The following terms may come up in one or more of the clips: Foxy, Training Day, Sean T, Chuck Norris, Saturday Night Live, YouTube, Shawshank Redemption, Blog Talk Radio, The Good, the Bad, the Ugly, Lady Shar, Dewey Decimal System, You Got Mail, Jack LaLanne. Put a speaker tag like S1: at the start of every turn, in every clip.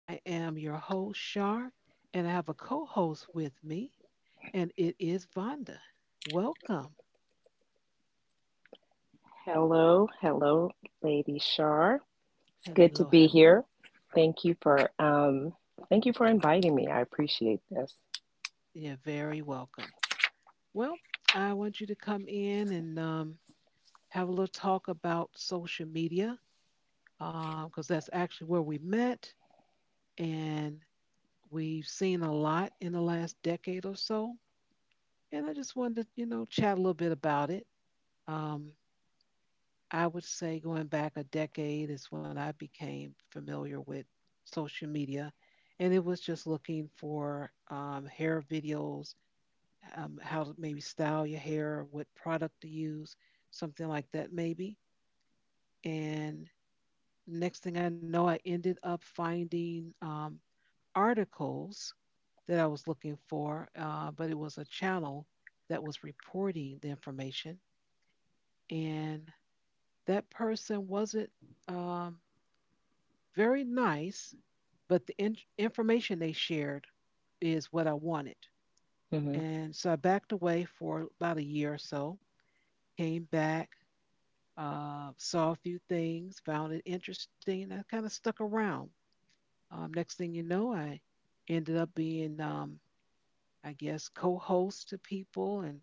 S1: I am your host, Shar, and I have a co host with me, and it is Vonda. Welcome.
S2: Hello, hello, Lady Shar. It's good
S1: Hello,
S2: to be
S1: hello.
S2: here. Thank you for um, thank you for inviting me. I appreciate this.
S1: You're very welcome. Well, I want you to come in and have a little talk about social media because that's actually where we met, and we've seen a lot in the last decade or so. And I just wanted to, you know, chat a little bit about it. Um, I would say going back a decade is when I became familiar with social media. And it was just looking for hair videos, how to maybe style your hair, what product to use, something like that, maybe. And next thing I know, I ended up finding articles that I was looking for, but it was a channel that was reporting the information. And that person wasn't Um, very nice, but the information they shared is what I wanted.
S2: Hmm
S1: And so I backed away for about a year or so, came back, saw a few things, found it interesting, and I kind of stuck around. Next thing you know, I ended up being, I guess, co host to people, and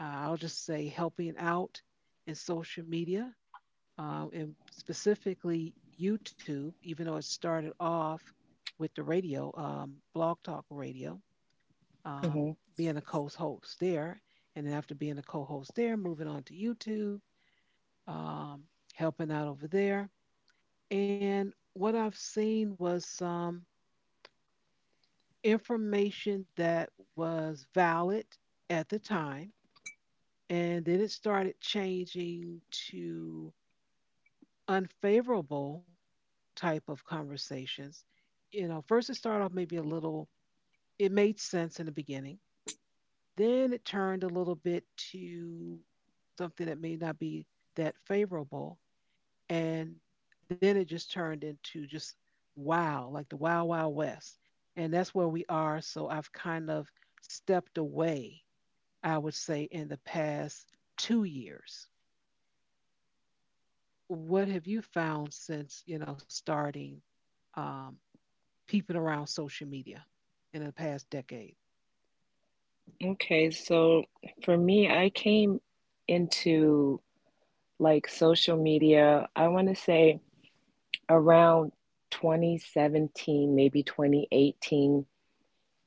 S1: I'll just say helping out in social media, and specifically YouTube, even though it started off with the radio, Blog Talk Radio, um,
S2: hmm
S1: being a co host there. And then after being a co host there, moving on to YouTube, um, helping out over there. And what I've seen was some information that was valid at the time. And then it started changing to unfavorable type of conversations. You know, first it started off maybe a little, it made sense in the beginning. Then it turned a little bit to something that may not be that favorable. And then it just turned into just wow, like the wow, wow west. And that's where we are. So I've kind of stepped away, I would say, in the past 2 years. What have you found since, you know, starting um, peeping around social media in the past decade?
S2: Okay, so for me, I came into like social media. I want to say around 2017, maybe 2018,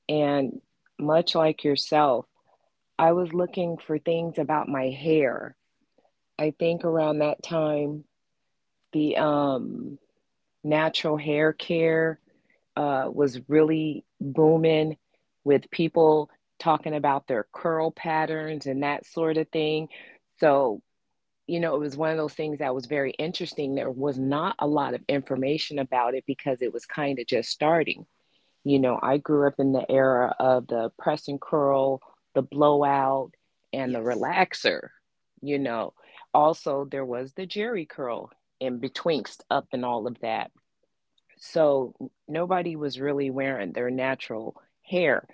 S2: and much like yourself, I was looking for things about my hair. I think around that time, the natural hair care was really booming with people talking about their curl patterns and that sort of thing. So, you know, it was one of those things that was very interesting. There was not a lot of information about it because it was kind of just starting. You know, I grew up in the era of the press and curl, the blowout, and the
S1: Yes.
S2: relaxer. You know, also there was the jerry curl in betwixt up and all of that, so nobody was really wearing their natural hair.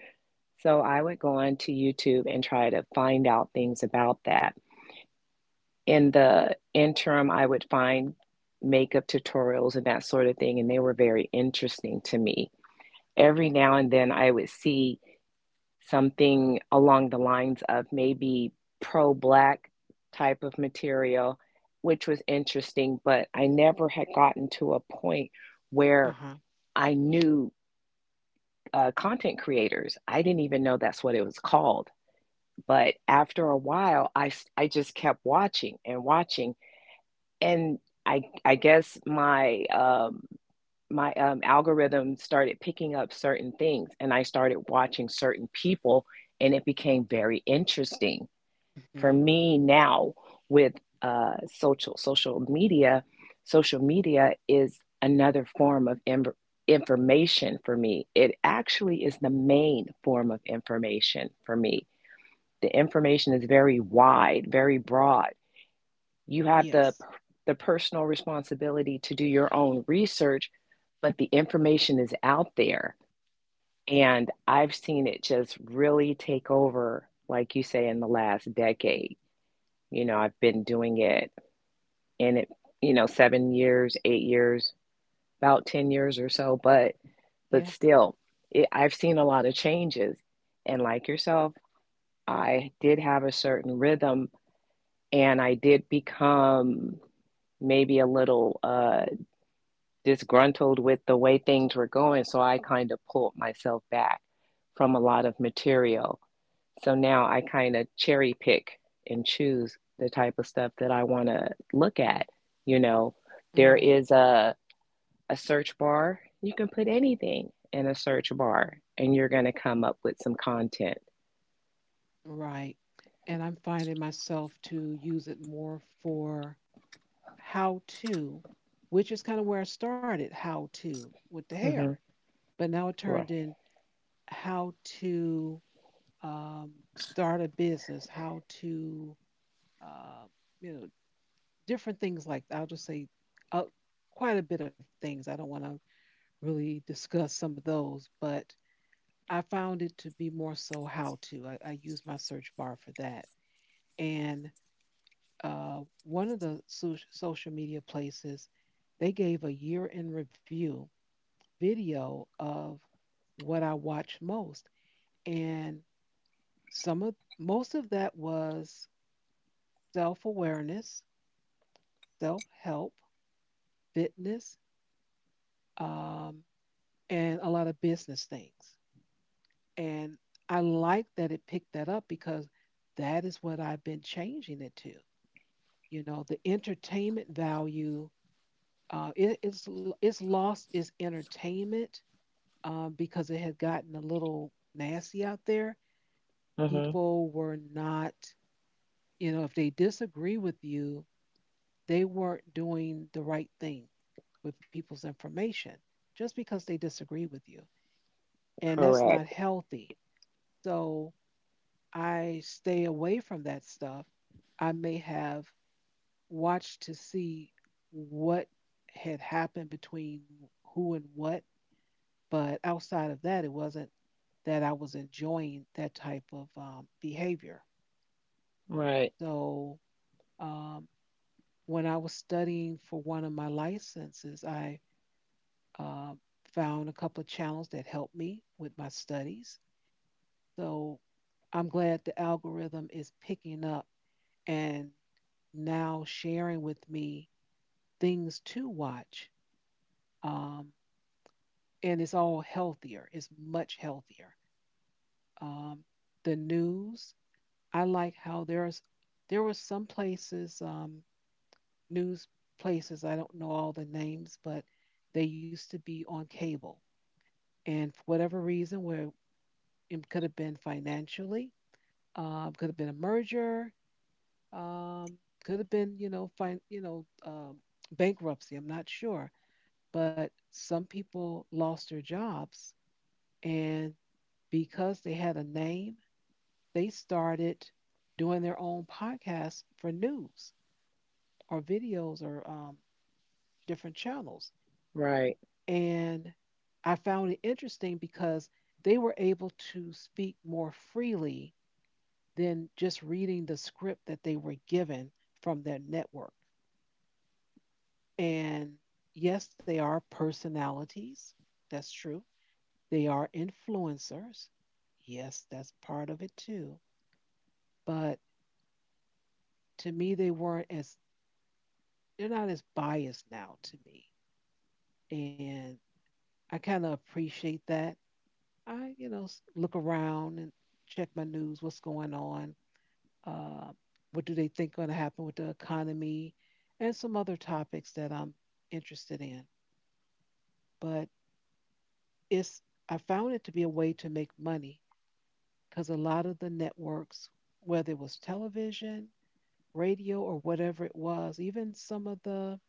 S2: So I would go on to YouTube and try to find out things about that. In the interim, I would find makeup tutorials and that sort of thing, and they were very interesting to me. Every now and then, I would see something along the lines of maybe pro black type of material, which was interesting, but I never had gotten to a point where
S1: Uh-huh.
S2: I knew content creators. I didn't even know that's what it was called. But after a while, I just kept watching and watching. And I guess my algorithm started picking up certain things and I started watching certain people and it became very interesting for
S1: hmm
S2: me. Now, with uh, social social media, social media is another form of information for me. It actually is the main form of information for me. The information is very wide, very broad. You have the
S1: Yes.
S2: the personal responsibility to do your own research, but the information is out there. And I've seen it just really take over, like you say, in the last decade. You know, I've been doing it and it, you know, 7 years, 8 years, about 10 years or so, but
S1: Yeah,
S2: still, it, I've seen a lot of changes. And like yourself, I did have a certain rhythm and I did become maybe a little disgruntled with the way things were going, so I kind of pulled myself back from a lot of material. So now I kind of cherry pick and choose the type of stuff that I want to look at. You know, there
S1: right,
S2: is a search bar. You can put anything in a search bar and you're going to come up with some content.
S1: right. And I'm finding myself to use it more for how to, which is kind of where I started, how to with the hair.
S2: Hmm
S1: But now it
S2: Right.
S1: turned in how to start a business, how to, uh, you know, different things like I'll just say uh, quite a bit of things. I don't want to really discuss some of those, but I found it to be more so how to. I use my search bar for that. And one of the social media places, they gave a year in review video of what I watch most. And some of most of that was self awareness, self help, fitness, um, and a lot of business things. And I like that it picked that up because that is what I've been changing it to. You know, the entertainment value, it's lost its entertainment, because it had gotten a little nasty out there.
S2: hmm
S1: People were not, you know, if they disagree with you, they weren't doing the right thing with people's information just because they disagree with you, and that's not
S2: Correct.
S1: healthy. So I stay away from that stuff. I may have watched to see what had happened between who and what. But outside of that, it wasn't that I was enjoying that type of behavior.
S2: Right.
S1: So um, when I was studying for one of my licenses, I um found a couple of channels that helped me with my studies. So I'm glad the algorithm is picking up and now sharing with me things to watch. Um, and it's all healthier, it's much healthier. Um, the news, I like how there were some places, news places, I don't know all the names, but they used to be on cable. And for whatever reason, where it could have been financially, could have been a merger, um, could have been, you know, bankruptcy. I'm not sure. But some people lost their jobs, and because they had a name, they started doing their own podcasts for news or videos or different channels.
S2: Right.
S1: And I found it interesting because they were able to speak more freely than just reading the script that they were given from their network. And yes, they are personalities. That's true. They are influencers. Yes, that's part of it too. But to me, they're not as biased now to me. And I kind of appreciate that. I, you know, look around and check my news, what's going on, uh, what do they think going to happen with the economy, and some other topics that I'm interested in. But it's, I found it to be a way to make money because a lot of the networks, whether it was television, radio or whatever it was, even some of the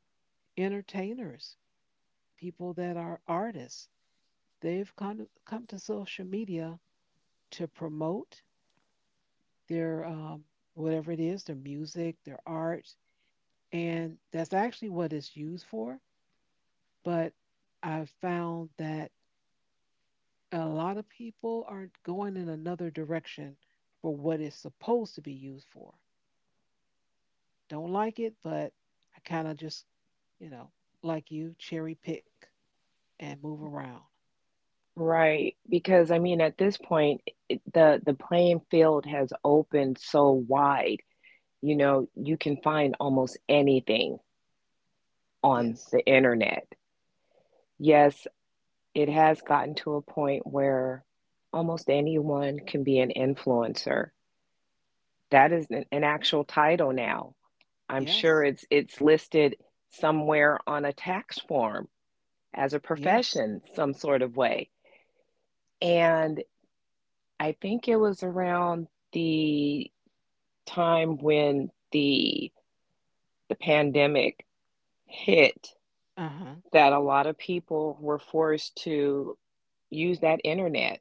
S1: entertainers, people that are artists, they've come to social media to promote their, whatever it is, their music, their art, and that's actually what it's used for. But I've found that a lot of people are going in another direction for what it's supposed to be used for. Don't like it, but I kind of just, you know, like you, cherry pick and move around.
S2: Right. Because I mean, at this point, the playing field has opened so wide. You know, you can find almost anything on
S1: Yes.
S2: the internet. Yes, it has gotten to a point where almost anyone can be an influencer. That is an actual title now. I'm
S1: Yes.
S2: sure it's listed somewhere on a tax form as a
S1: Yes.
S2: profession, some sort of way. And I think it was around the time when the pandemic hit,
S1: Uh-huh.
S2: that a lot of people were forced to use that internet.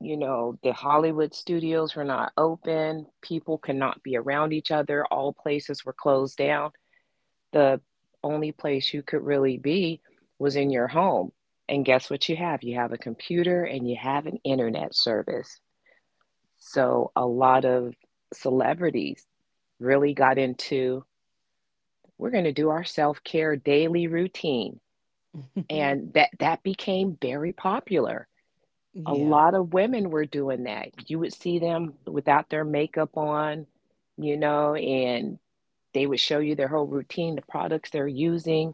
S2: You know, the Hollywood studios were not open. People could not be around each other. All places were closed down. The only place you could really be was in your home. And guess what you have? You have a computer and you have an internet service. So a lot of celebrities really got into, we're going to do our self-care daily routine. And that became very popular. A
S1: Yeah.
S2: lot of women were doing that. You would see them without their makeup on, you know, and they would show you their whole routine, the products they're using.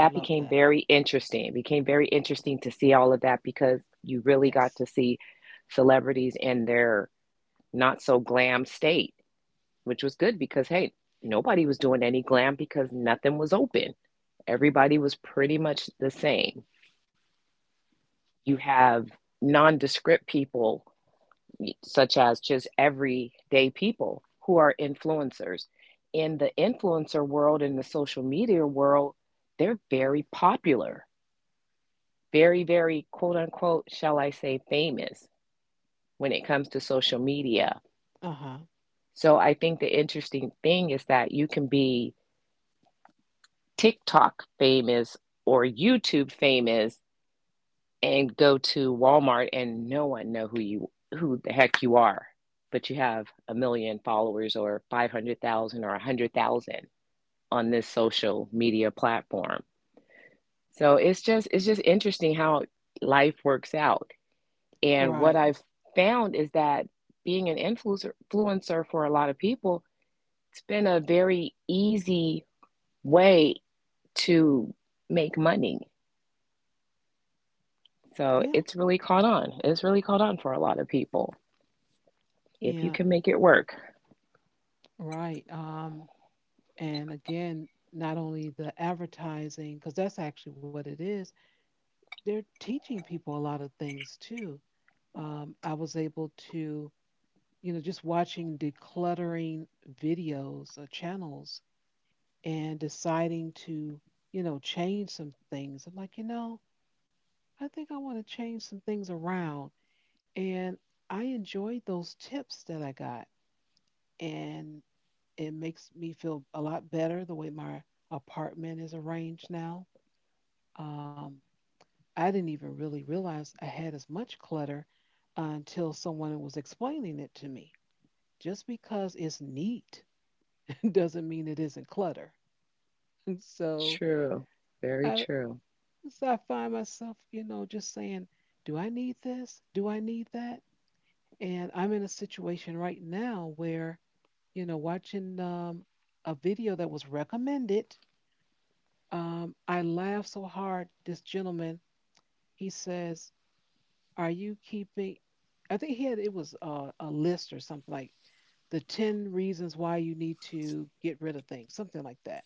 S1: I love
S2: became
S1: that.
S2: very interesting. It became very interesting to see all of that because you really got
S1: Yes.
S2: to see celebrities in their not so glam state, which was good because, hey, nobody was doing any glam because nothing was open. Everybody was pretty much the same. You have nondescript people such as just everyday people who are influencers. In the influencer world, in the social media world, they're very popular, very, very quote unquote, shall I say, famous when it comes to social media.
S1: Uh-huh.
S2: So I think the interesting thing is that you can be TikTok famous or YouTube famous and go to Walmart and no one know who the heck you are, but you have a million followers or 500,000 or 100,000 on this social media platform. So it's just interesting how life works out. And what
S1: Right.
S2: I've found is that being an influencer for a lot of people, it's been a very easy way to make money. So
S1: Yeah.
S2: it's really caught on. It's really caught on for a lot of people. If you
S1: Yeah.
S2: can make it work.
S1: Right. And again, not only the advertising, because that's actually what it is, they're teaching people a lot of things too. I was able to, you know, just watching decluttering videos or channels and deciding to, you know, change some things. I'm like, you know, I think I want to change some things around. And I enjoyed those tips that I got. And it makes me feel a lot better the way my apartment is arranged now. Um, I didn't even really realize I had as much clutter until someone was explaining it to me. Just because it's neat doesn't mean it isn't clutter. so
S2: True. Very
S1: I
S2: true.
S1: so I find myself, you know, just saying, do I need this? Do I need that? And I'm in a situation right now where, you know, watching a video that was recommended, I laughed so hard. This gentleman, he says, are you keeping, I think he had, it was a list or something like the 10 reasons why you need to get rid of things, something like that.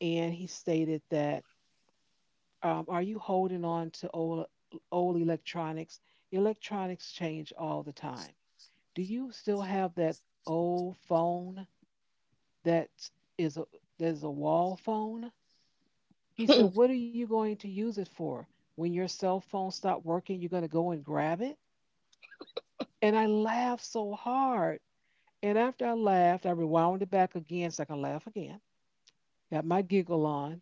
S1: And he stated that, are you holding on to old electronics? Electronics change all the time. Do you still have that old phone that is a that's a wall phone? He said, what are you going to use it for? When your cell phone stopped working, you're gonna go and grab it? And I laughed so hard. And after I laughed, I rewound it back again so I can laugh again. Got my giggle on.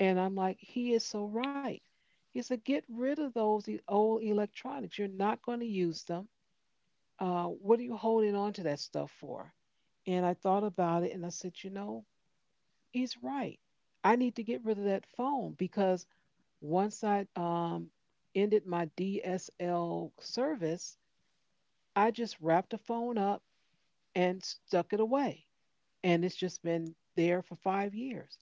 S1: And I'm like, he is so right. He said, get rid of those old electronics. You're not going to use them. What are you holding on to that stuff for? And I thought about it and I said, you know, he's right. I need to get rid of that phone because once I, ended my DSL service, I just wrapped the phone up and stuck it away. And it's just been there for 5 years.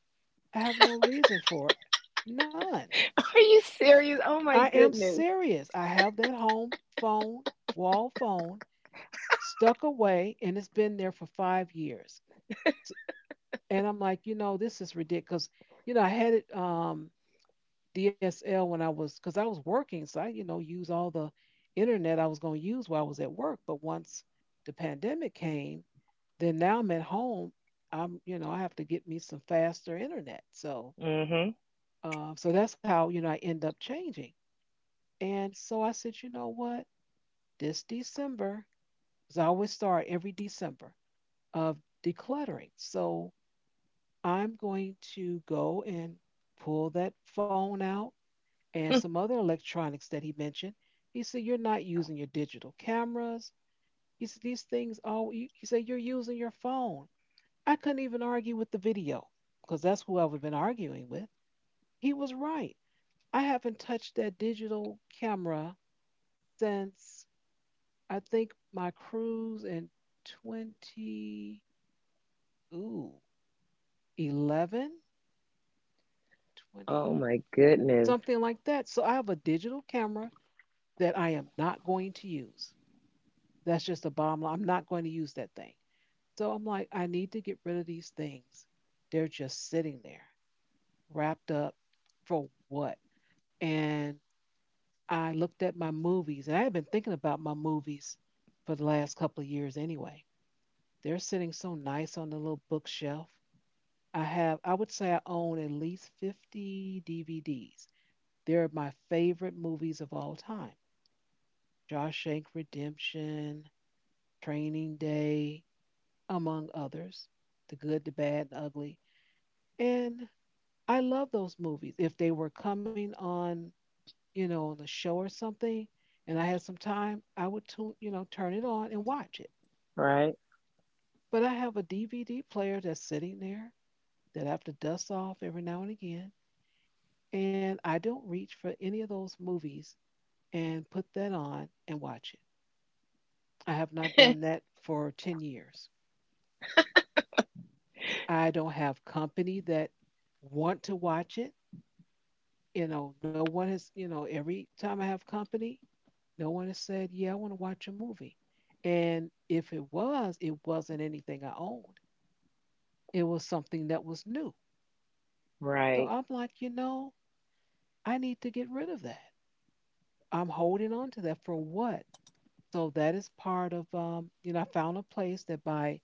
S1: I have no reason for it. None.
S2: Are you serious? Oh
S1: I
S2: my
S1: am
S2: goodness.
S1: serious. I have that home phone, wall phone, stuck away, and it's been there for 5 years. S- And I'm like, you know, this is ridiculous. You know, I had it DSL when I was, because I was working, so I, you know, use all the internet I was going to use while I was at work. But once the pandemic came, then now I'm at home. I'm, you know, I have to get me some faster internet. So,
S2: Mm-hmm.
S1: so that's how you know I end up changing. And so I said, you know what? This December, because I always start every December of decluttering. So I'm going to go and pull that phone out and some other electronics that he mentioned. He said, you're not using your digital cameras. He said, these things all, he said, you're using your phone. I couldn't even argue with the video because that's who I would have been arguing with. He was right. I haven't touched that digital camera since I think my cruise in 20, ooh, 11,
S2: Oh
S1: 20,
S2: my goodness.
S1: something like that. So I have a digital camera that I am not going to use. That's just a bottom line. I'm not going to use that thing. So I'm like, I need to get rid of these things. They're just sitting there, wrapped up for what? And I looked at my movies, and I had been thinking about my movies for the last couple of years anyway. They're sitting so nice on the little bookshelf I have. I would say I own at least 50 DVDs. They're my favorite movies of all time: Shawshank Redemption, Training Day, among others, The Good, the Bad, the Ugly. And I love those movies. If they were coming on, on the show or something, and I had some time, I would turn it on and watch it.
S2: Right?
S1: But I have player that's sitting there that I have to dust off every now and again, and I don't reach for any of those movies and put that on and watch it. I have not done that for 10 years. I don't have company that want to watch it. No one has, every time I have company, no one has said, "Yeah, I want to watch a movie." And if it was, it wasn't anything I owned. It was something that was new. So
S2: Right.
S1: I'm like, I need to get rid of that. I'm holding on to that for what? So that is part of, I found a place that buy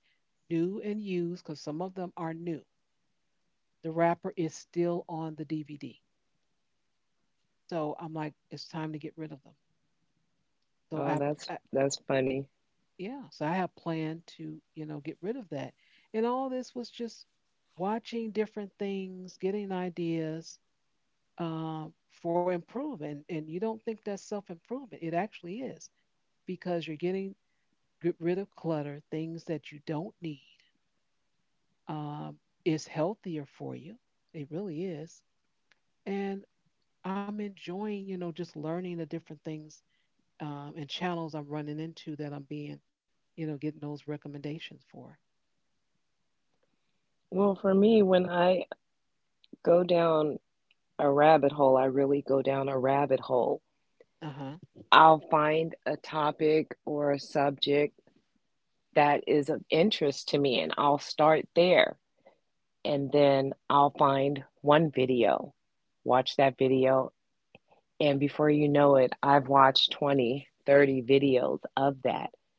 S1: new and used because some of them are new. The wrapper is still on the DVD. So I'm like, it's time to get rid of them. So
S2: Oh,
S1: I
S2: that's funny.
S1: yeah, so I have planned to, get rid of that. And all this was just watching different things, getting ideas for improvement. And you don't think that's self improvement, it actually is, because you're getting get rid of clutter. Things that you don't need um, is healthier for you. It really is. And I'm enjoying, just learning the different things, and channels I'm running into that I'm being, getting those recommendations for.
S2: Well, for me, when I go down a rabbit hole, I really go down a rabbit hole.
S1: Uh huh.
S2: I'll find a topic or a subject that is of interest to me, and I'll start there. And then I'll find one video, watch that video, and before you know it, I've watched 20, 30 videos of that.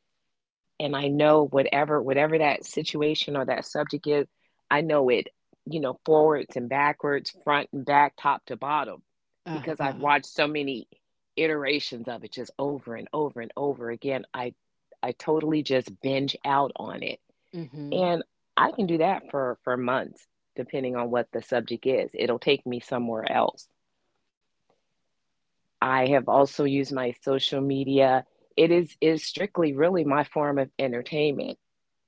S2: And I know whatever that situation or that subject is, I know it, you know, forwards and backwards, front and back, top to bottom,
S1: Uh
S2: because
S1: huh.
S2: I've watched so many iterations of it just over and over and over again. I totally just binge out on it.
S1: Mm hmm.
S2: And I can do that for months, depending on what the subject is. It'll take me somewhere else. I have also used my social media. It is strictly really my form of entertainment.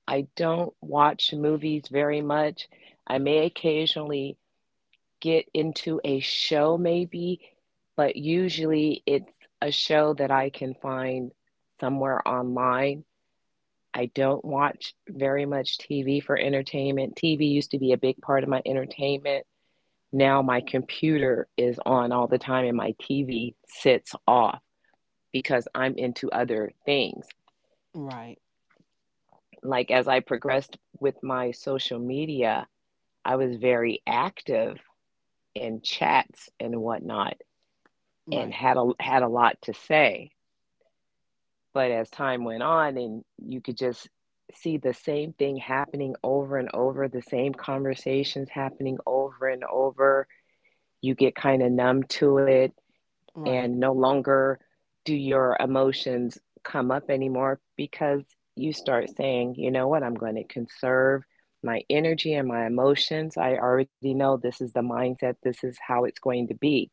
S2: I don't watch movies very much. I may occasionally get into a show maybe, but usually it's a show that I can find somewhere online. I don't watch very much TV for entertainment. TV used to be a big part of my entertainment. Now my computer is on all the time and my TV sits off because I'm into other things.
S1: Right.
S2: Like as I progressed with my social media, I was very active in chats and whatnot
S1: Right.
S2: and had a lot to say. But as time went on and you could just see the same thing happening over and over, the same conversations happening over and over, you get kind of numb to it
S1: Right.
S2: and no longer do your emotions come up anymore because you start saying, you know what, I'm going to conserve my energy and my emotions. I already know this is the mindset, this is how it's going to be.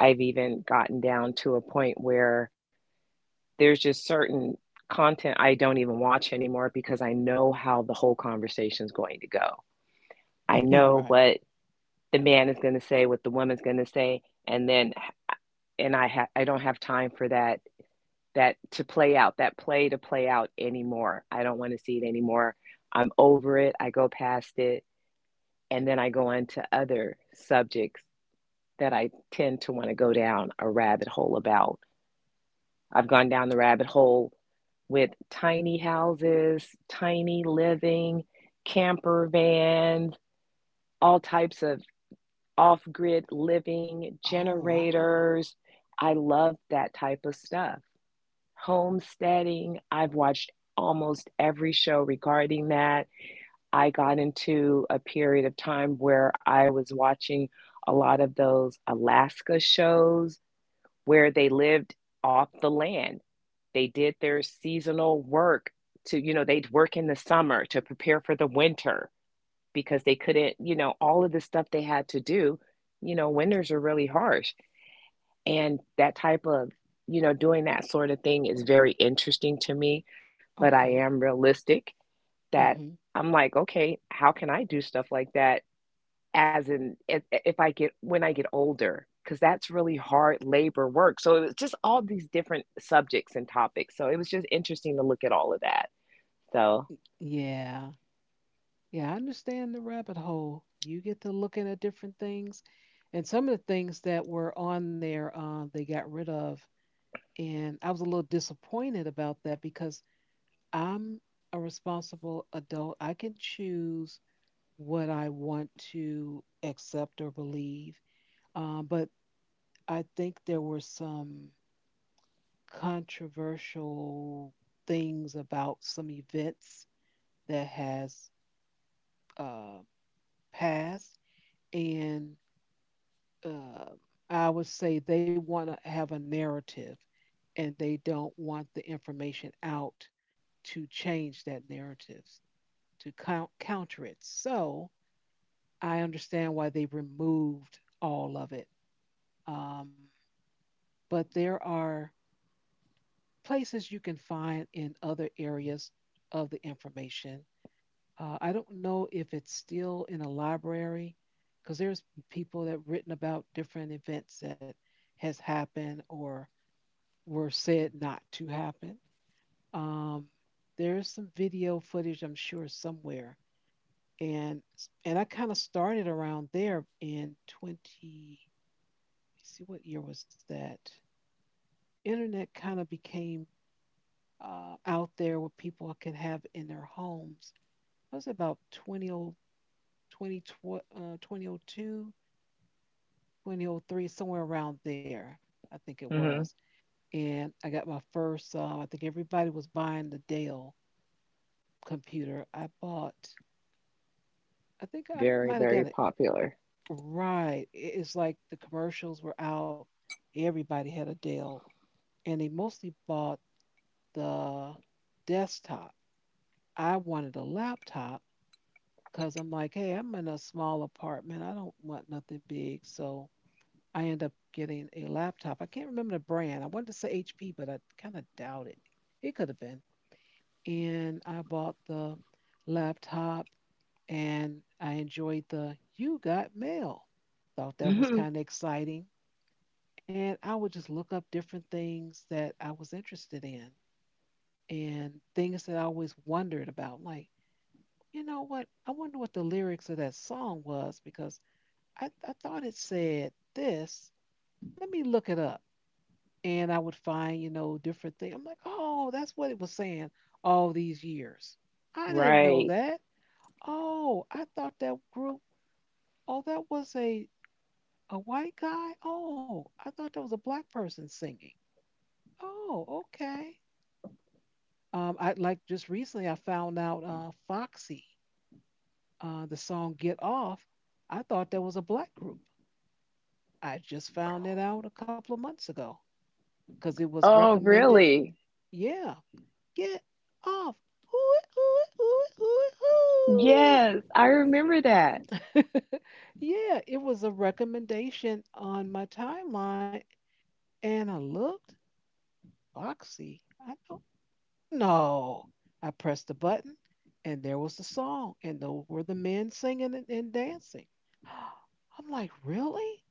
S2: I've even gotten down to a point where there's just certain content I don't even watch anymore because I know how the whole conversation is going to go. I know
S1: Right.
S2: what the man is going to say, what the woman's going to say, and then I don't have time for that play to play out anymore. I don't want to see it anymore. I'm over it. I go past it. And then I go into other subjects that I tend to want to go down a rabbit hole about. I've gone down the rabbit hole with tiny houses, tiny living, camper vans, all types of off grid living,
S1: Oh, wow.
S2: generators. I love that type of stuff. Homesteading. I've watched almost every show regarding that. I got into a period of time where I was watching a lot of those Alaska shows where they lived off the land. They did their seasonal work to, you know, they'd work in the summer to prepare for the winter because they couldn't, you know, all of the stuff they had to do. You know, winters are really harsh. And that type of, you know, doing that sort of thing is very interesting to me, but I am
S1: Okay.
S2: realistic that,
S1: Mm hmm.
S2: I'm like, okay, how can I do stuff like that as in if I get when I get older? Because that's really hard labor work. So it was just all these different subjects and topics. So it was just interesting to look at all of that. So,
S1: Yeah. Yeah, I understand the rabbit hole. You get to looking at different things. And some of the things that were on there, they got rid of. And I was a little disappointed about that because I'm a responsible adult. I can choose what I want to accept or believe. But I think there were some controversial things about some events that has uh, passed, and uh, I would say they want to have a narrative and they don't want the information out to change that narrative, to counter it. So I understand why they removed all of it. Um, but there are places you can find in other areas of the information. I don't know if it's still in a library because there's people that have written about different events that has happened or were said not to happen. Um, there's some video footage, I'm sure, somewhere. And and I kind of started around there in 20, let's see, what year was that? Internet kind of became out there what people could have in their homes. That was about 2002, 2003, somewhere around there, I think it was.
S2: hmm
S1: And I got my first, I think everybody was buying the Dell computer. I bought, I think I
S2: very,
S1: might have
S2: very
S1: got an—
S2: popular.
S1: Right. It's like the commercials were out. Everybody had a Dell, and they mostly bought the desktop. I wanted a laptop because I'm like, hey, I'm in a small apartment. I don't want nothing big. So I end up getting a laptop. I can't remember the brand. I wanted to say HP, but I kind of doubt it. It could have been. And I bought the laptop, and I enjoyed the You Got Mail. Thought that was
S2: Hmm
S1: kind of exciting, and I would just look up different things that I was interested in and things that I always wondered about. Like, you know what? I wonder what the lyrics of that song was, because I thought it said this. Let me look it up. And I would find, different things. I'm like, oh, that's what it was saying all these years. I didn't know
S2: Right.
S1: that. Oh, I thought that group, oh, that was a white guy. Oh, I thought that was a black person singing. Oh, okay. I like just recently I found out Foxy, the song "Get Off." I thought that was a black group. I just found that out a couple of months ago because it was
S2: Oh,
S1: recommended.
S2: really?
S1: Yeah, get off. Ooh, ooh, ooh, ooh,
S2: Yes, I remember that.
S1: ooh. Yeah, it was a recommendation on my timeline, and I looked. Foxy. I know. No. I pressed the button and there was the song and those were the men singing and dancing. I'm like, really?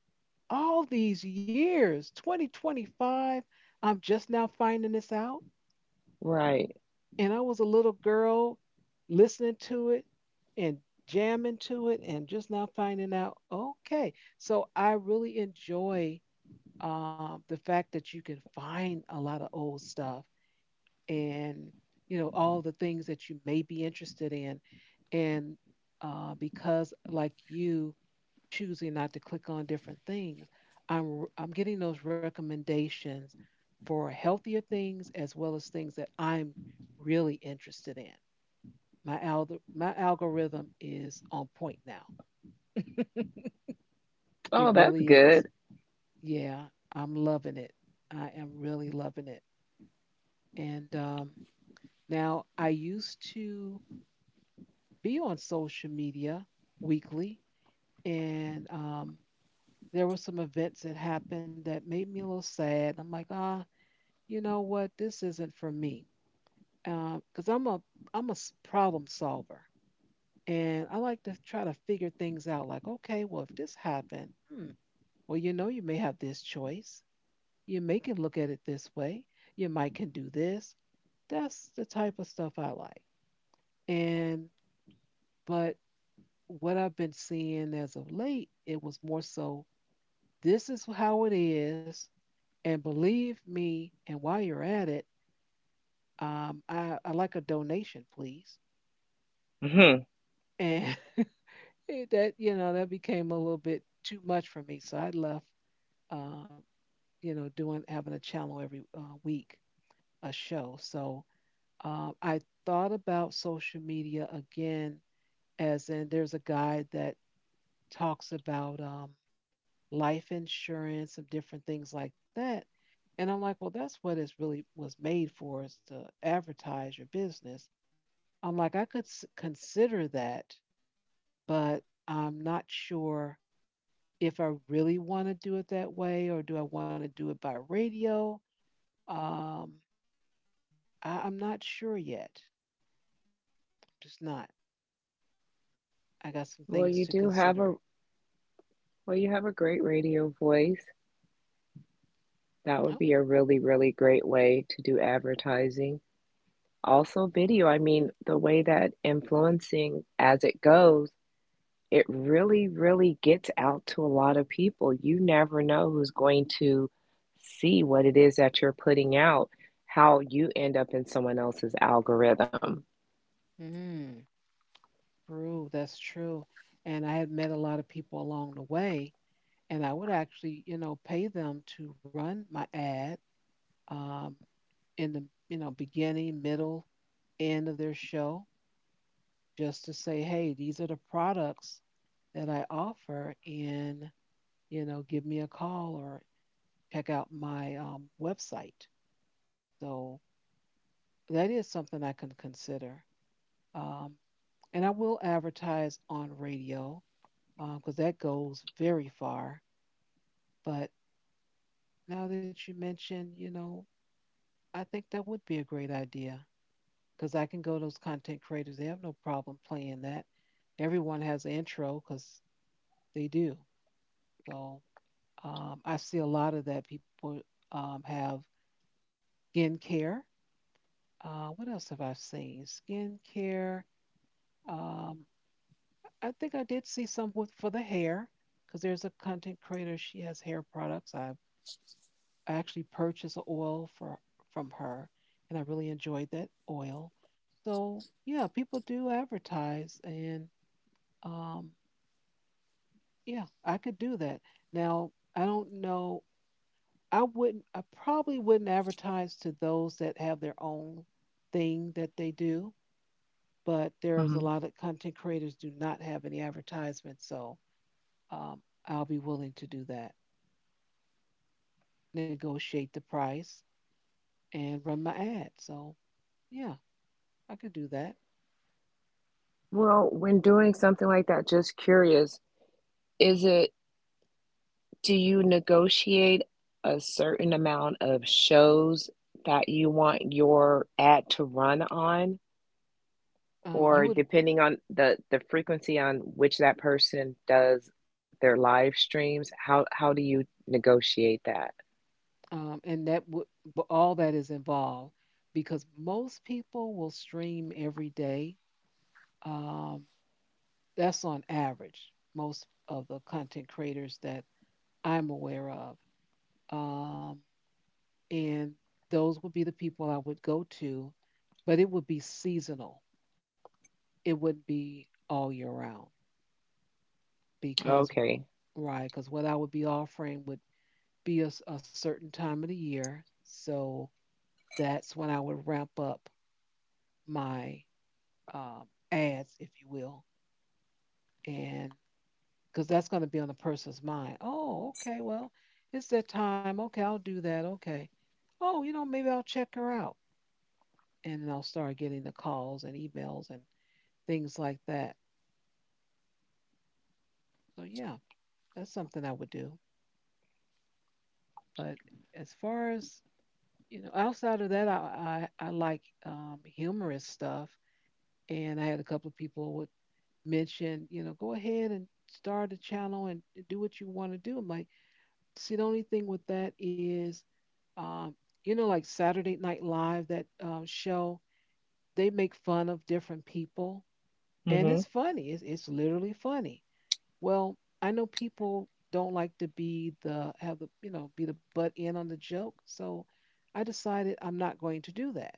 S1: All these years, 2025, I'm just now finding this out.
S2: Right.
S1: And I was a little girl listening to it and jamming to it and just now finding out, okay. So I really enjoy the fact that you can find a lot of old stuff and all the things that you may be interested in and because like you, choosing not to click on different things, I'm getting those recommendations for healthier things as well as things that I'm really interested in. My algorithm is on point now. It
S2: Oh, that's
S1: really is.
S2: good.
S1: Yeah, I'm loving it. I am really loving it. And now I used to be on social media weekly. And there were some events that happened that made me a little sad. I'm like, ah, you know what? This isn't for me. Because I'm a problem solver, and I like to try to figure things out. Like, okay, well, if this happened, hmm, well, you know, you may have this choice. You may can look at it this way. You might can do this. That's the type of stuff I like. And but what I've been seeing as of late, it was more so this is how it is, and believe me, and while you're at it, I like a donation, please.
S2: Mhm.
S1: And you know, that became a little bit too much for me. So I left, um, you know, doing having a channel every week, a show. So I thought about social media again, as in there's a guy that talks about life insurance and different things like that. And I'm like, well, that's what it's really was made for, is to advertise your business. I'm like, consider that, but I'm not sure if I really want to do it that way or do I want to do it by radio. Um, I'm not sure yet. Just not. I got some
S2: Well,
S1: things
S2: you
S1: to
S2: do have a,
S1: consider.
S2: well, you have a great radio voice. That
S1: Oh,
S2: would be a really, really great way to do advertising. Also, video. I mean, the way that influencing as it goes, it really, really gets out to a lot of people. You never know who's going to see what it is that you're putting out, how you end up in someone else's algorithm.
S1: Mm. True, that's true. And I had met a lot of people along the way and I would actually, you know, pay them to run my ad um, in the, you know, beginning, middle, end of their show, just to say, hey, these are the products that I offer, and you know, give me a call or check out my website. So that is something I can consider, um, and I will advertise on radio because that goes very far. But now that you mentioned, you know, I think that would be a great idea, because I can go to those content creators. They have no problem playing that. Everyone has an intro because they do. So I see a lot of that. People have skincare. What else have I seen? Skincare. Um, I think I did see some with, for the hair, because there's a content creator. She has hair products. I actually purchased a oil for from her, and I really enjoyed that oil. So yeah, people do advertise, and um, yeah, I could do that. Now, I don't know. I probably wouldn't advertise to those that have their own thing that they do, but there's a
S2: Hmm
S1: lot of content creators do not have any advertisements. So um, I'll be willing to do that, negotiate the price and run my ad. So yeah, I could do that.
S2: Well, when doing something like that, just curious, is it, do you negotiate a certain amount of shows that you want your ad to run on?
S1: You
S2: Or
S1: would,
S2: depending on the frequency on which that person does their live streams, how do you negotiate that?
S1: and that would, but all that is involved because most people will stream every day. Um, That's on average, most of the content creators that I'm aware of. Um, and those would be the people I would go to, but it would be seasonal. It wouldn't be all year round because,
S2: Okay.
S1: right, because what I would be offering would be a certain time of the year. So that's when I would ramp up my um, ads, if you will. And because that's going to be on the person's mind. Oh, okay, well, it's that time. Okay, I'll do that. Okay. Oh, you know, maybe I'll check her out. And then I'll start getting the calls and emails and things like that. So, yeah, that's something I would do. But as far as, outside of that, I like humorous stuff. And I had a couple of people would mention, you know, go ahead and start a channel and do what you want to do. I'm like, see, the only thing with that is uh, you know, like Saturday Night Live, that show, they make fun of different people. And it's
S2: Mm-hmm.
S1: funny. It's literally funny. Well, I know people don't like to be the, have the, you know, be the butt end on the joke. So I decided I'm not going to do that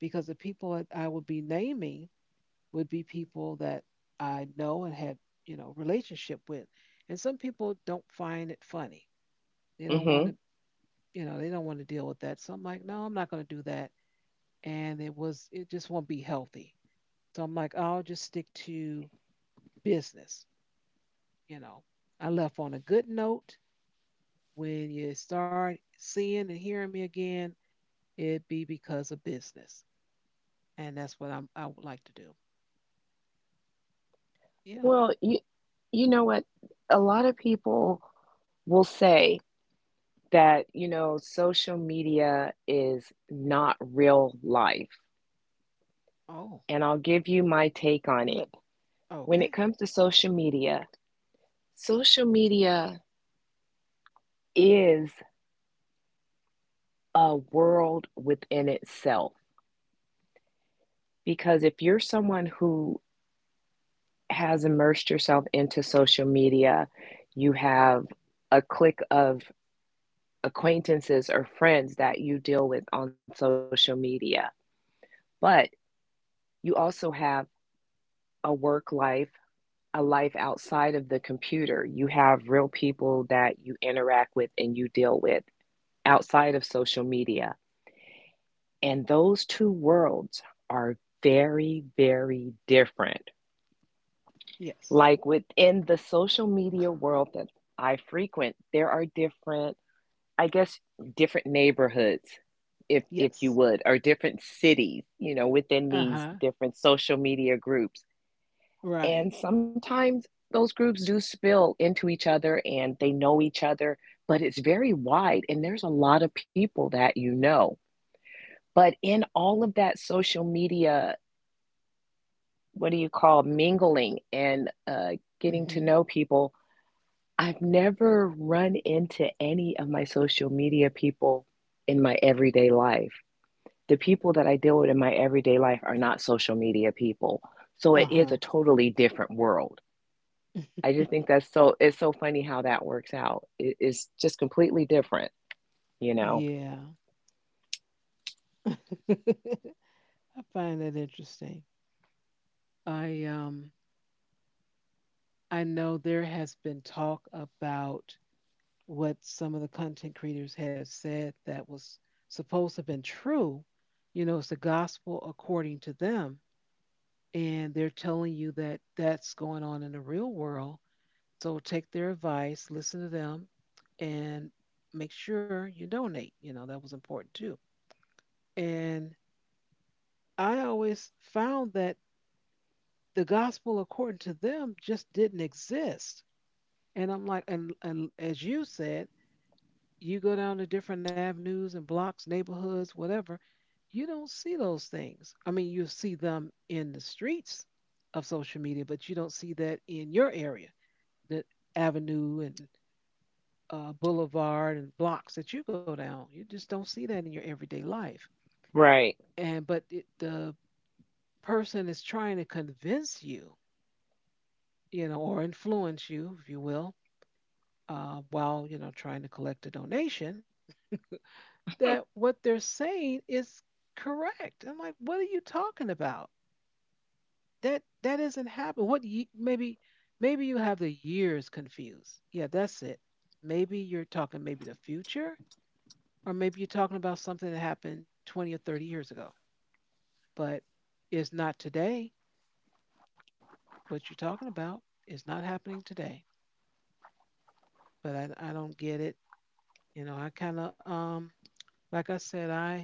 S1: because the people that I would be naming would be people that I know and had, you know, relationship with. And some people don't find it funny. They don't want
S2: Mm-hmm.
S1: to, you know, they don't want to deal with that. So I'm like, no, I'm not going to do that and it just won't be healthy. So I'm like, I'll just stick to business. You know, I left on a good note. When you start seeing and hearing me again, it'd be because of business, and that's what I would like to do. Yeah.
S2: Well, you know what? A lot of people will say that, you know, social media is not real life.
S1: Oh.
S2: And I'll give you my take on it when it
S1: Okay.
S2: comes to social media is a world within itself. Because if you're someone who has immersed yourself into social media, you have a clique of acquaintances or friends that you deal with on social media, but you also have a work life. A life outside of the computer. You have real people that you interact with and you deal with outside of social media. And those two worlds are very, very different.
S1: Yes.
S2: Like within the social media world that I frequent, there are different, I guess, different neighborhoods, if you
S1: Yes.
S2: would, or different cities, you know, within
S1: Uh
S2: these
S1: huh.
S2: different social media groups. And
S1: Right.
S2: sometimes those groups do spill into each other and they know each other, but it's very wide and there's a lot of people that you know. But in all of that social media, what do you call, mingling and getting to
S1: Mhm.
S2: know people. I've never run into any of my social media people in my everyday life. The people that I deal with in my everyday life are not social media people. So
S1: Uh
S2: it is a
S1: huh.
S2: totally different world. I just think that's so, it's so funny how that works out. It's just completely different, you know?
S1: Yeah. I find that interesting. I um I know there has been talk about what some of the content creators have said that was supposed to have been true. You know, it's the gospel according to them. And they're telling you that that's going on in the real world. So take their advice, listen to them, and make sure you donate. You know, that was important too. And I always found that the gospel according to them just didn't exist. And I'm like, and as you said, you go down to different avenues and blocks, neighborhoods, whatever, you don't see those things. I mean, you see them in the streets of social media, but you don't see that in your area, the avenue and boulevard and blocks that you go down. You just don't see that in your everyday life.
S2: Right.
S1: And but it, the person is trying to convince you, you know, or influence you, if you will, while you know trying to collect a donation that what they're saying is correct. I'm like, what are you talking about? That isn't happening. Maybe maybe you have the years confused. Yeah, that's it. Maybe you're talking maybe the future, or maybe you're talking about something that happened 20 or 30 years ago, but it's not today. What you're talking about is not happening today. But I don't get it. You know, I kind of like I said, I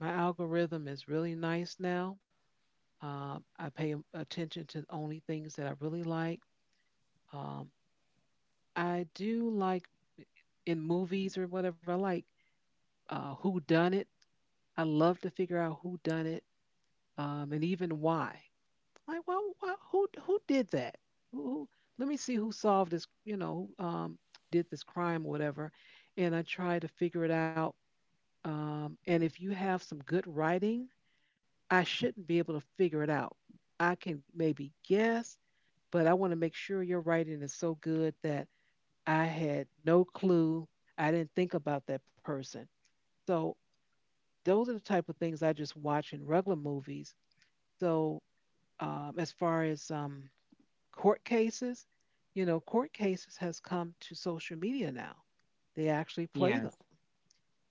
S1: my algorithm is really nice now. I attention to only things that I really like. Um, I do like in movies or whatever. I like who done it. I love to figure out who done it, and even why. Like, well, why, who did that? Who, who- let me see who solved this. You know, who, did this crime or whatever, and I try to figure it out. And if you have some good writing, I shouldn't be able to figure it out. I can maybe guess but I want to make sure your writing is so good that I had no clue. I didn't think about that person. So those are the type of things I just watch in regular movies. So as far as court cases, you know, court cases has come to social media now. They actually play
S2: Yes.
S1: them,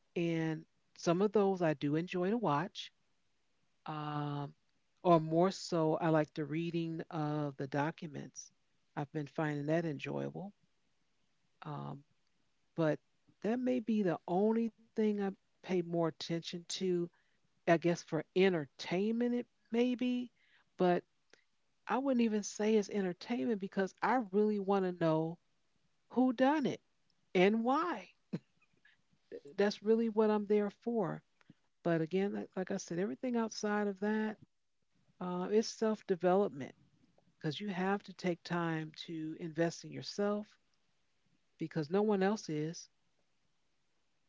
S1: and some of those I do enjoy to watch. Um, or more so, I like the reading of the documents. I've been finding that enjoyable. Um, but that may be the only thing I pay more attention to. I guess for entertainment, it maybe, but I wouldn't even say it's entertainment because I really want to know who done it and why. That's really what I'm there for. But again, like I said, everything outside of that is self development because you have to take time to invest in yourself because no one else is.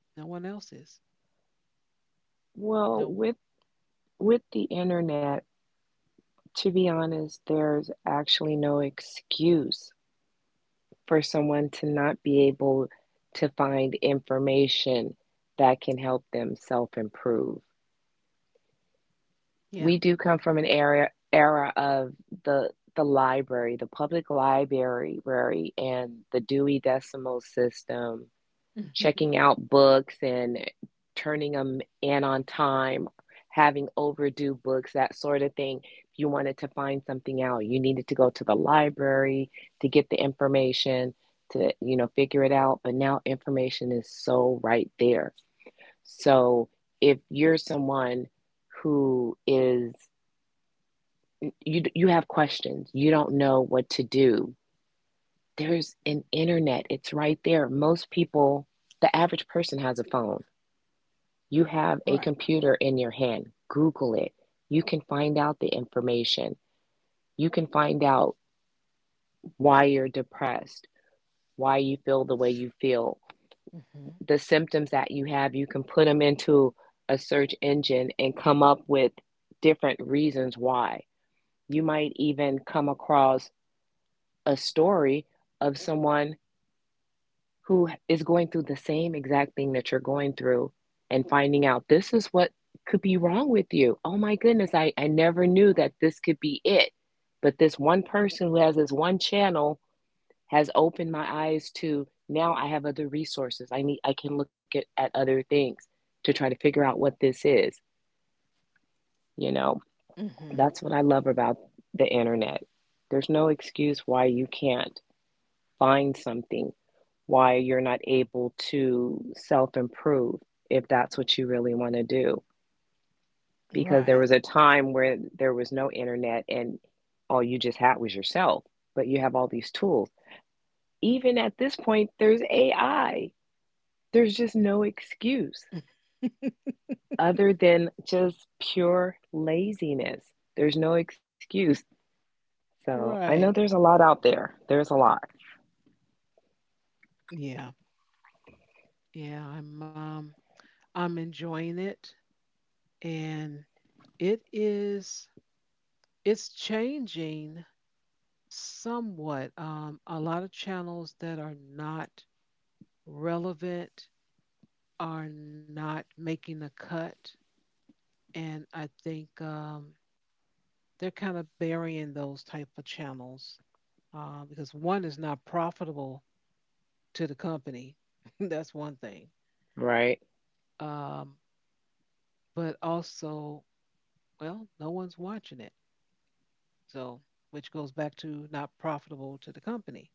S1: No one else is.
S2: Well,
S1: No one.
S2: with, with the internet, to be honest, there's actually no excuse for someone to not be able to find information that can help them self improve.
S1: Yeah.
S2: We do come from an era of the library, the public library, and the Dewey Decimal System, checking out books and turning them in on time, having overdue books, that sort of thing. If you wanted to find something out, you needed to go to the library to get the information to, you know, figure it out. But now information is so right there. So if you're someone who is, you have questions, you don't know what to do. There's an internet. It's right there. Most people, the average person has a phone. You have a
S1: Right.
S2: computer in your hand. Google it. You can find out the information. You can find out why you're depressed, why you feel the way you feel,
S1: Hmm.
S2: the symptoms that you have. You can put them into a search engine and come up with different reasons why. You might even come across a story of someone who is going through the same exact thing that you're going through and finding out this is what could be wrong with you. Oh my goodness, I never knew that this could be it. But this one person who has this one channel has opened my eyes to now I have other resources. I can look at other things to try to figure out what this is. You know,
S1: Hmm.
S2: that's what I love about the internet. There's no excuse why you can't find something, why you're not able to self improve if that's what you really want to do. Because
S1: Right.
S2: there was a time where there was no internet and all you just had was yourself, but you have all these tools. Even at this point, there's AI. There's just no excuse other than just pure laziness. There's no excuse. So I know there's
S1: Right.
S2: a lot out there. There's a lot,
S1: Yeah. Yeah. I'm enjoying it and it is it's changing somewhat. A lot of channels that are not relevant are not making a cut and I think they're kind of burying those type of channels because one is not profitable to the company. That's one thing.
S2: right?
S1: Um but also, well, no one's watching it. So, which goes back to not profitable to the company,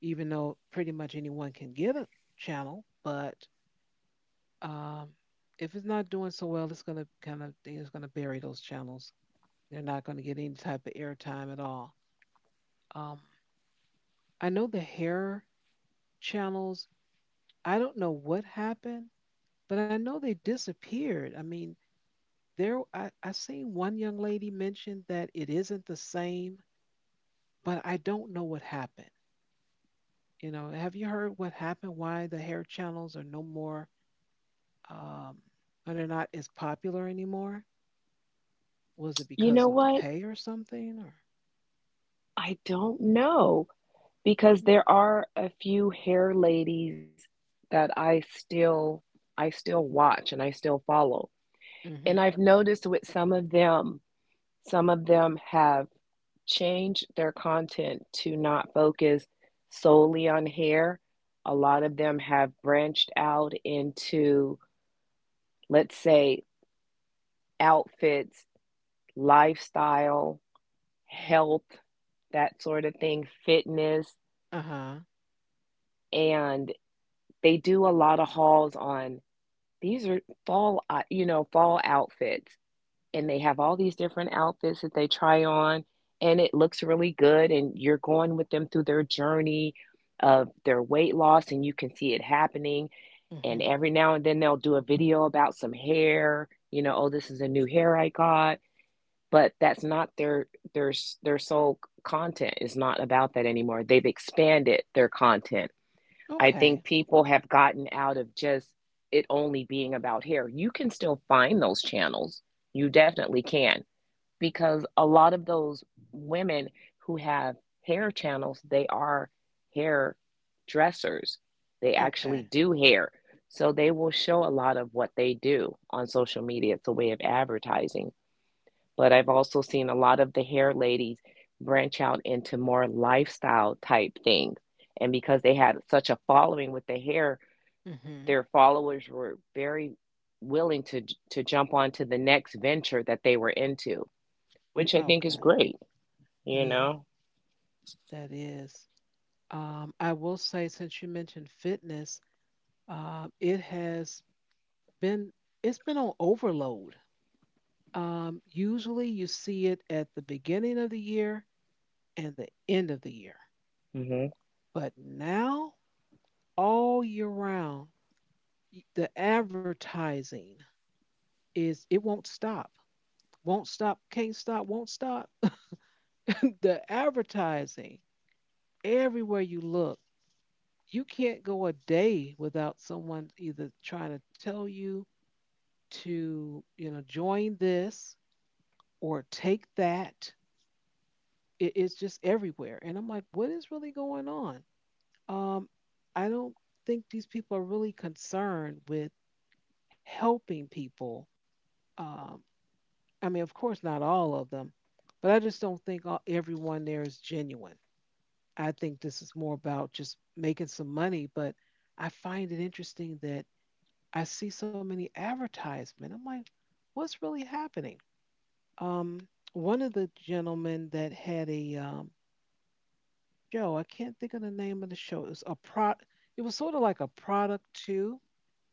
S1: even though pretty much anyone can get a channel, but um, if it's not doing so well, it's gonna kind of it's gonna bury those channels. They're not gonna get any type of airtime at all. Um, I know the hair channels. I don't know what happened, but I know they disappeared. I mean, there I seen one young lady mention that it isn't the same but I don't know what happened. You know, have you heard what happened? Why the hair channels are no more, um, or they're not as popular anymore? Was it
S2: You
S1: because
S2: know
S1: of the
S2: what?
S1: pay or something? Or
S2: I don't know, because there are a few hair ladies that I still watch and I still follow. And
S1: Mm-hmm.
S2: I've noticed with some of them have changed their content to not focus solely on hair. A lot of them have branched out into, let's say, outfits, lifestyle, health, that sort of thing, fitness,
S1: Uh huh.
S2: and they do a lot of hauls on, these are fall, you know, fall outfits, and they have all these different outfits that they try on, and it looks really good. And you're going with them through their journey of their weight loss, and you can see it happening. And
S1: Mm-hmm.
S2: every now and then they'll do a video about some hair, you know, oh, this is a new hair I got, but that's not their their sole content is not about that anymore. They've expanded their content. I think
S1: Okay.
S2: people have gotten out of just it only being about hair. You can still find those channels. You definitely can, because a lot of those women who have hair channels, they are hair dressers. They actually
S1: Okay.
S2: do hair. So they will show a lot of what they do on social media. It's a way of advertising. But I've also seen a lot of the hair ladies branch out into more lifestyle type things. And because they had such a following with the hair,
S1: Mm-hmm.
S2: their followers were very willing to jump on to the next venture that they were into, which I think is
S1: Okay.
S2: great, you
S1: Yeah,
S2: know.
S1: that is. I will say, since you mentioned fitness, it has been it's been on overload. Usually, you see it at the beginning of the year and the end of the year.
S2: Hmm.
S1: But now, all year round, the advertising is it won't stop. Won't stop, can't stop, won't stop. the advertising, everywhere you look, you can't go a day without someone either trying to tell you to, you know, join this or take that. It's just everywhere. And I'm like, what is really going on? Um, I don't think these people are really concerned with helping people. Um, I mean, of course, not all of them, but I just don't think everyone there is genuine. I think this is more about just making some money, but I find it interesting that I see so many advertisements. I'm like, what's really happening? Um, one of the gentlemen that had a show, I can't think of the name of the show. It was a pro. It was sort of like a product too.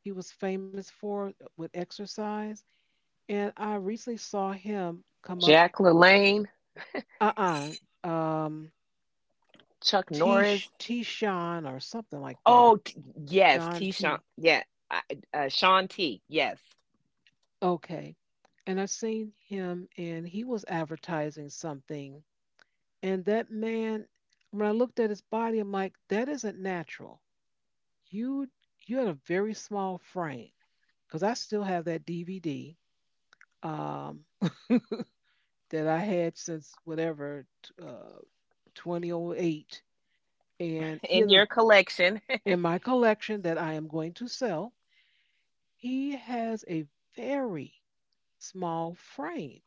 S1: He was famous for it with exercise and I recently saw him come up.
S2: Jack LaLanne,
S1: Uh uh Um,
S2: Chuck Norris.
S1: T Sean or something like that.
S2: Oh, t- yes,
S1: John
S2: T. Sean.
S1: T.
S2: Yeah, I- Sean T. Yes,
S1: Okay. And I seen him, and he was advertising something. And that man, when I looked at his body, I'm like, that isn't natural. You you had a very small frame, because I still have that DVD um, that I had since 2008, and he
S2: in
S1: has a
S2: your collection.
S1: in my collection that I am going to sell, he has a very small frame.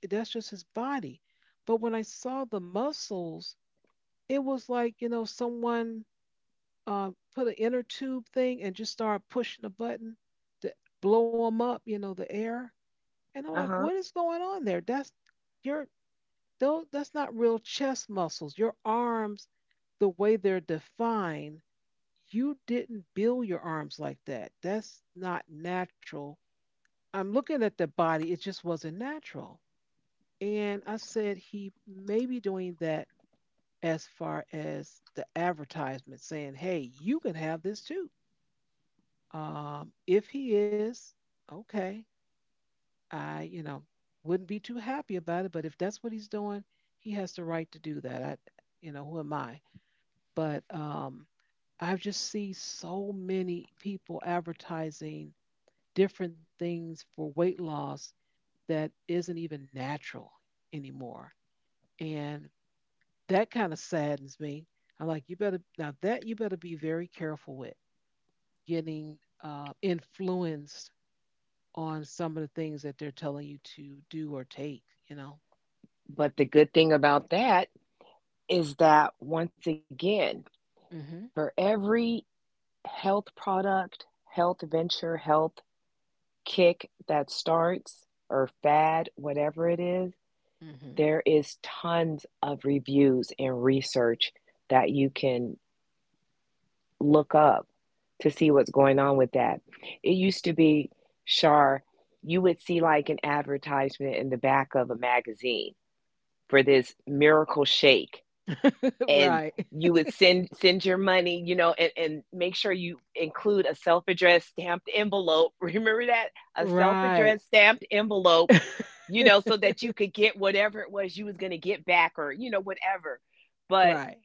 S1: That's just his body. But when I saw the muscles, it was like, you know, someone put an inner tube thing and just started pushing a button to blow him up, you know, the air. And I'm like,
S2: Uh
S1: what
S2: huh.
S1: is going on there? That's your, that's not real chest muscles. Your arms, the way they're defined, you didn't build your arms like that. That's not natural. I'm looking at the body, it just wasn't natural. And I said he may be doing that as far as the advertisement saying, hey, you can have this too. If he is, okay, I, you know, wouldn't be too happy about it, but if that's what he's doing, he has the right to do that. I, you know, who am I? But I just see so many people advertising different things for weight loss that isn't even natural anymore. And that kind of saddens me. I'm like, now that you better be very careful with getting influenced on some of the things that they're telling you to do or take, you know?
S2: But the good thing about that is that, once again,
S1: Mhm.
S2: for every health product, health venture, health kick that starts, or fad, whatever it is,
S1: Mhm.
S2: there is tons of reviews and research that you can look up to see what's going on with that. It used to be, Shar, you would see like an advertisement in the back of a magazine for this miracle shake, and
S1: Right.
S2: you would send your money, you know, and make sure you include a self-addressed stamped envelope. Remember that? A
S1: Right.
S2: self-addressed stamped envelope, you know, so that you could get whatever it was you was gonna get back or, you know, whatever. But
S1: Right.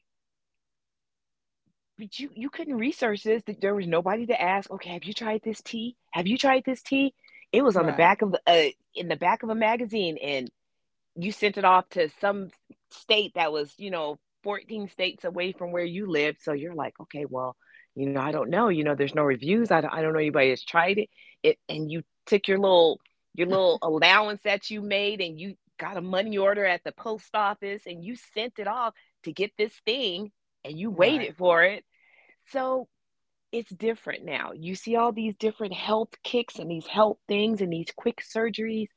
S2: you you couldn't research this. There was nobody to ask, okay, have you tried this tea? Have you tried this tea? It was on the
S1: Right.
S2: back of the in the back of a magazine, and you sent it off to some state that was, you know, 14 states away from where you lived. So you're like, okay, well, you know, I don't know. You know, there's no reviews. I don't know anybody that's tried it. It and you took your little allowance that you made, and you got a money order at the post office, and you sent it off to get this thing, and you
S1: Right.
S2: waited for it. So it's different now. You see all these different health kicks and these health things and these quick surgeries.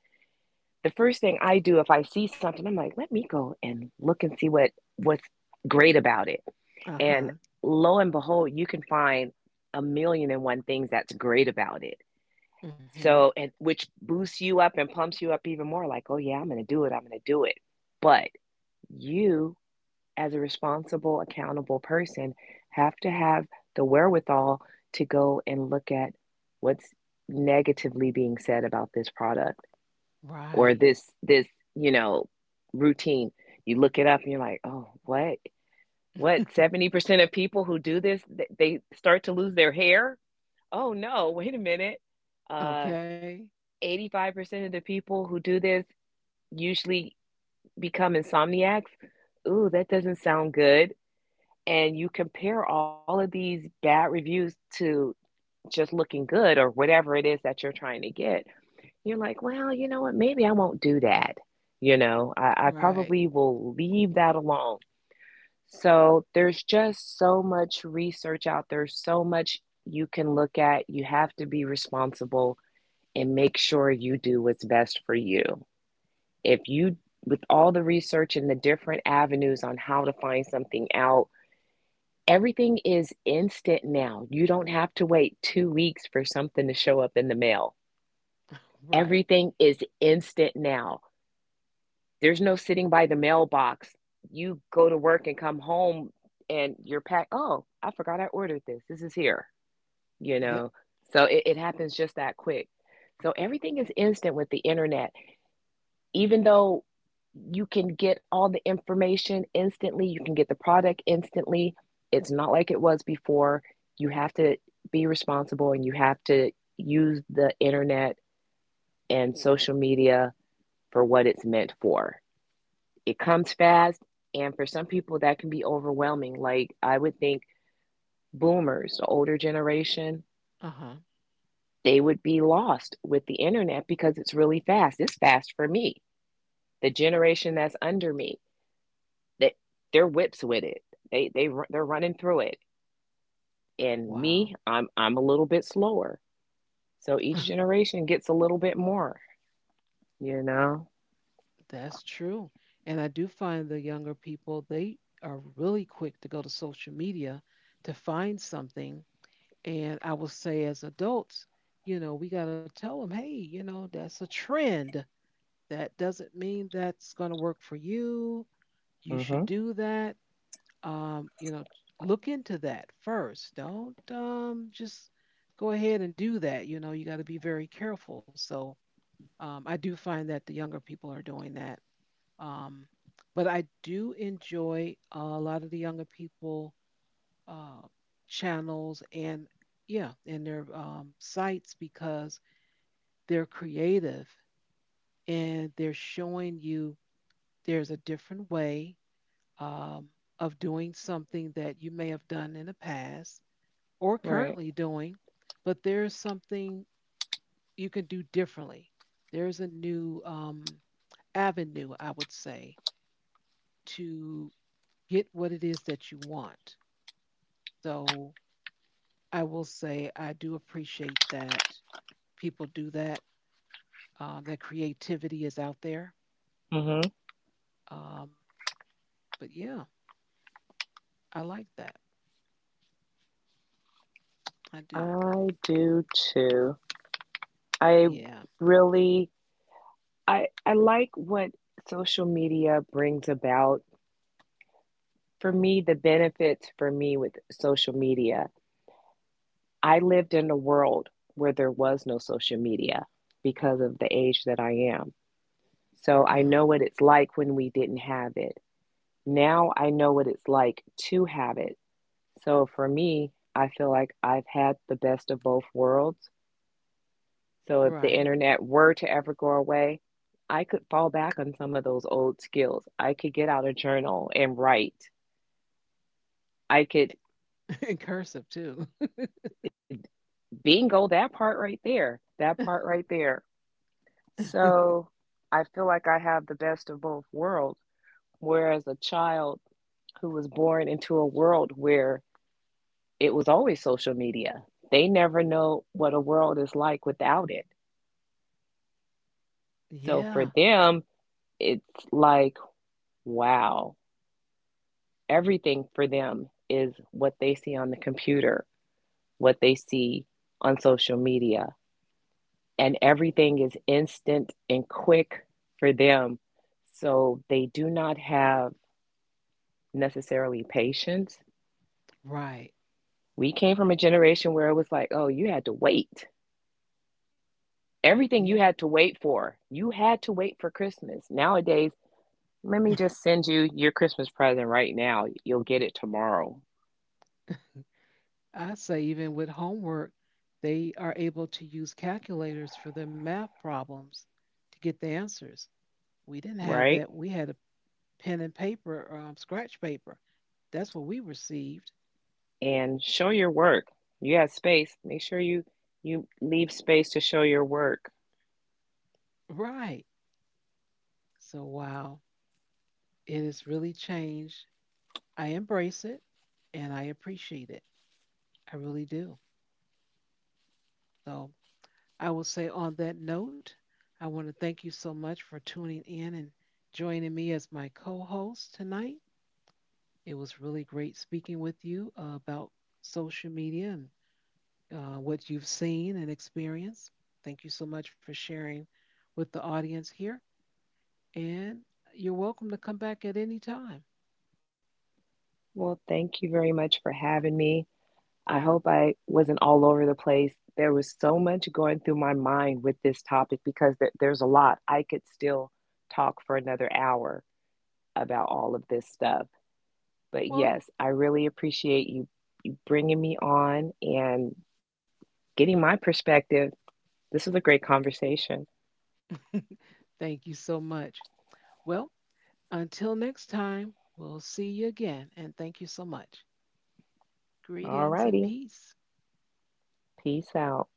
S2: The first thing I do if I see something, I'm like, let me go and look and see what what's great about it.
S1: Uh
S2: And
S1: huh.
S2: lo and behold, you can find a million and one things that's great about it.
S1: Mhm.
S2: So, and which boosts you up and pumps you up even more, like, oh yeah, I'm going to do it. I'm going to do it. But you, as a responsible, accountable person, have to have the wherewithal to go and look at what's negatively being said about this product, or
S1: Right.
S2: this you know, routine. You look it up and you're like, oh, what, 70% of people who do they start to lose their hair. Oh no, wait a minute, uh,
S1: Okay.
S2: 85% of the people who do this usually become insomniacs. Ooh, that doesn't sound good. And you compare all of these bad reviews to just looking good or whatever it is that you're trying to get. You're like, well, you know what? Maybe I won't do that. You know, I
S1: Right.
S2: probably will leave that alone. So there's just so much research out there, so much you can look at. You have to be responsible and make sure you do what's best for you. If you, with all the research and the different avenues on how to find something out, everything is instant now. You don't have to wait 2 weeks for something to show up in the mail.
S1: Right.
S2: Everything is instant now. There's no sitting by the mailbox. You go to work and come home and you're packed. Oh, I forgot I ordered this. This is here, you know?
S1: Yep.
S2: So it happens just that quick. So everything is instant with the internet. Even though you can get all the information instantly, you can get the product instantly, it's not like it was before. You have to be responsible, and you have to use the internet and social media for what it's meant for. It comes fast, and for some people that can be overwhelming. Like, I would think boomers, the older generation,
S1: Uh-huh.
S2: they would be lost with the internet because it's really fast. It's fast for me. The generation that's under me, that, they're whips with it. They're running through it. And me,
S1: Wow.
S2: I'm a little bit slower. So each generation gets a little bit more, you know.
S1: That's true. And I do find the younger people, they are really quick to go to social media to find something. And I will say, as adults, you know, we got to tell them, hey, you know, that's a trend. That doesn't mean that's going to work for you. You should
S2: Mhm.
S1: do that. You know, look into that first. Don't just go ahead and do that. You know, you got to be very careful. So, I do find that the younger people are doing that. Um, but I do enjoy a lot of the younger people uh, channels and yeah, and their sites because they're creative and they're showing you there's a different way um, of doing something that you may have done in the past or
S2: Right.
S1: currently doing, but there's something you can do differently. There's a new avenue, I would say, to get what it is that you want. So I will say I do appreciate that people do that. That creativity is out there.
S2: Mhm.
S1: Um, but yeah, I like that. I do.
S2: I do too. I
S1: Yeah.
S2: really, I like what social media brings about. For me, the benefits for me with social media, I lived in a world where there was no social media because of the age that I am. So I
S1: Uh-huh.
S2: know what it's like when we didn't have it. Now I know what it's like to have it. So for me, I feel like I've had the best of both worlds. So if the
S1: Right.
S2: internet were to ever go away, I could fall back on some of those old skills. I could get out a journal and write. I could
S1: In cursive too.
S2: Bingo, that part right there. That part right there. So I feel like I have the best of both worlds. Whereas a child who was born into a world where it was always social media, they never know what a world is like without it. So for
S1: Yeah.
S2: them, it's like, wow. Everything for them is what they see on the computer, what they see on social media, and everything is instant and quick for them. So they do not have necessarily patience.
S1: Right.
S2: We came from a generation where it was like, oh, you had to wait. Everything
S1: Yeah.
S2: you had to wait for, you had to wait for Christmas. Nowadays, let me just send you your Christmas present right now. You'll get it tomorrow,
S1: I say even with homework, they are able to use calculators for their math problems to get the answers. We didn't have
S2: right?
S1: that. We had pen and paper, scratch paper. That's what we received.
S2: And show your work. You have space. Make sure you leave space to show your work.
S1: Right. So, wow, it has really changed. I embrace it and I appreciate it. I really do. So, I will say on that note, I want to thank you so much for tuning in and joining me as my co host tonight. It was really great speaking with you about social media and what you've seen and experienced. Thank you so much for sharing with the audience here. And you're welcome to come back at any time.
S2: Well, thank you very much for having me. I hope I wasn't all over the place. There was so much going through my mind with this topic because there's a lot. I could still talk for another hour about all of this stuff. But
S1: Well,
S2: yes, I really appreciate you bringing me on and getting my perspective. This was a great conversation.
S1: thank you so much. Well, until next time, we'll see you again, and thank you so much.
S2: All
S1: Greetings and
S2: righty.
S1: peace.
S2: Peace out.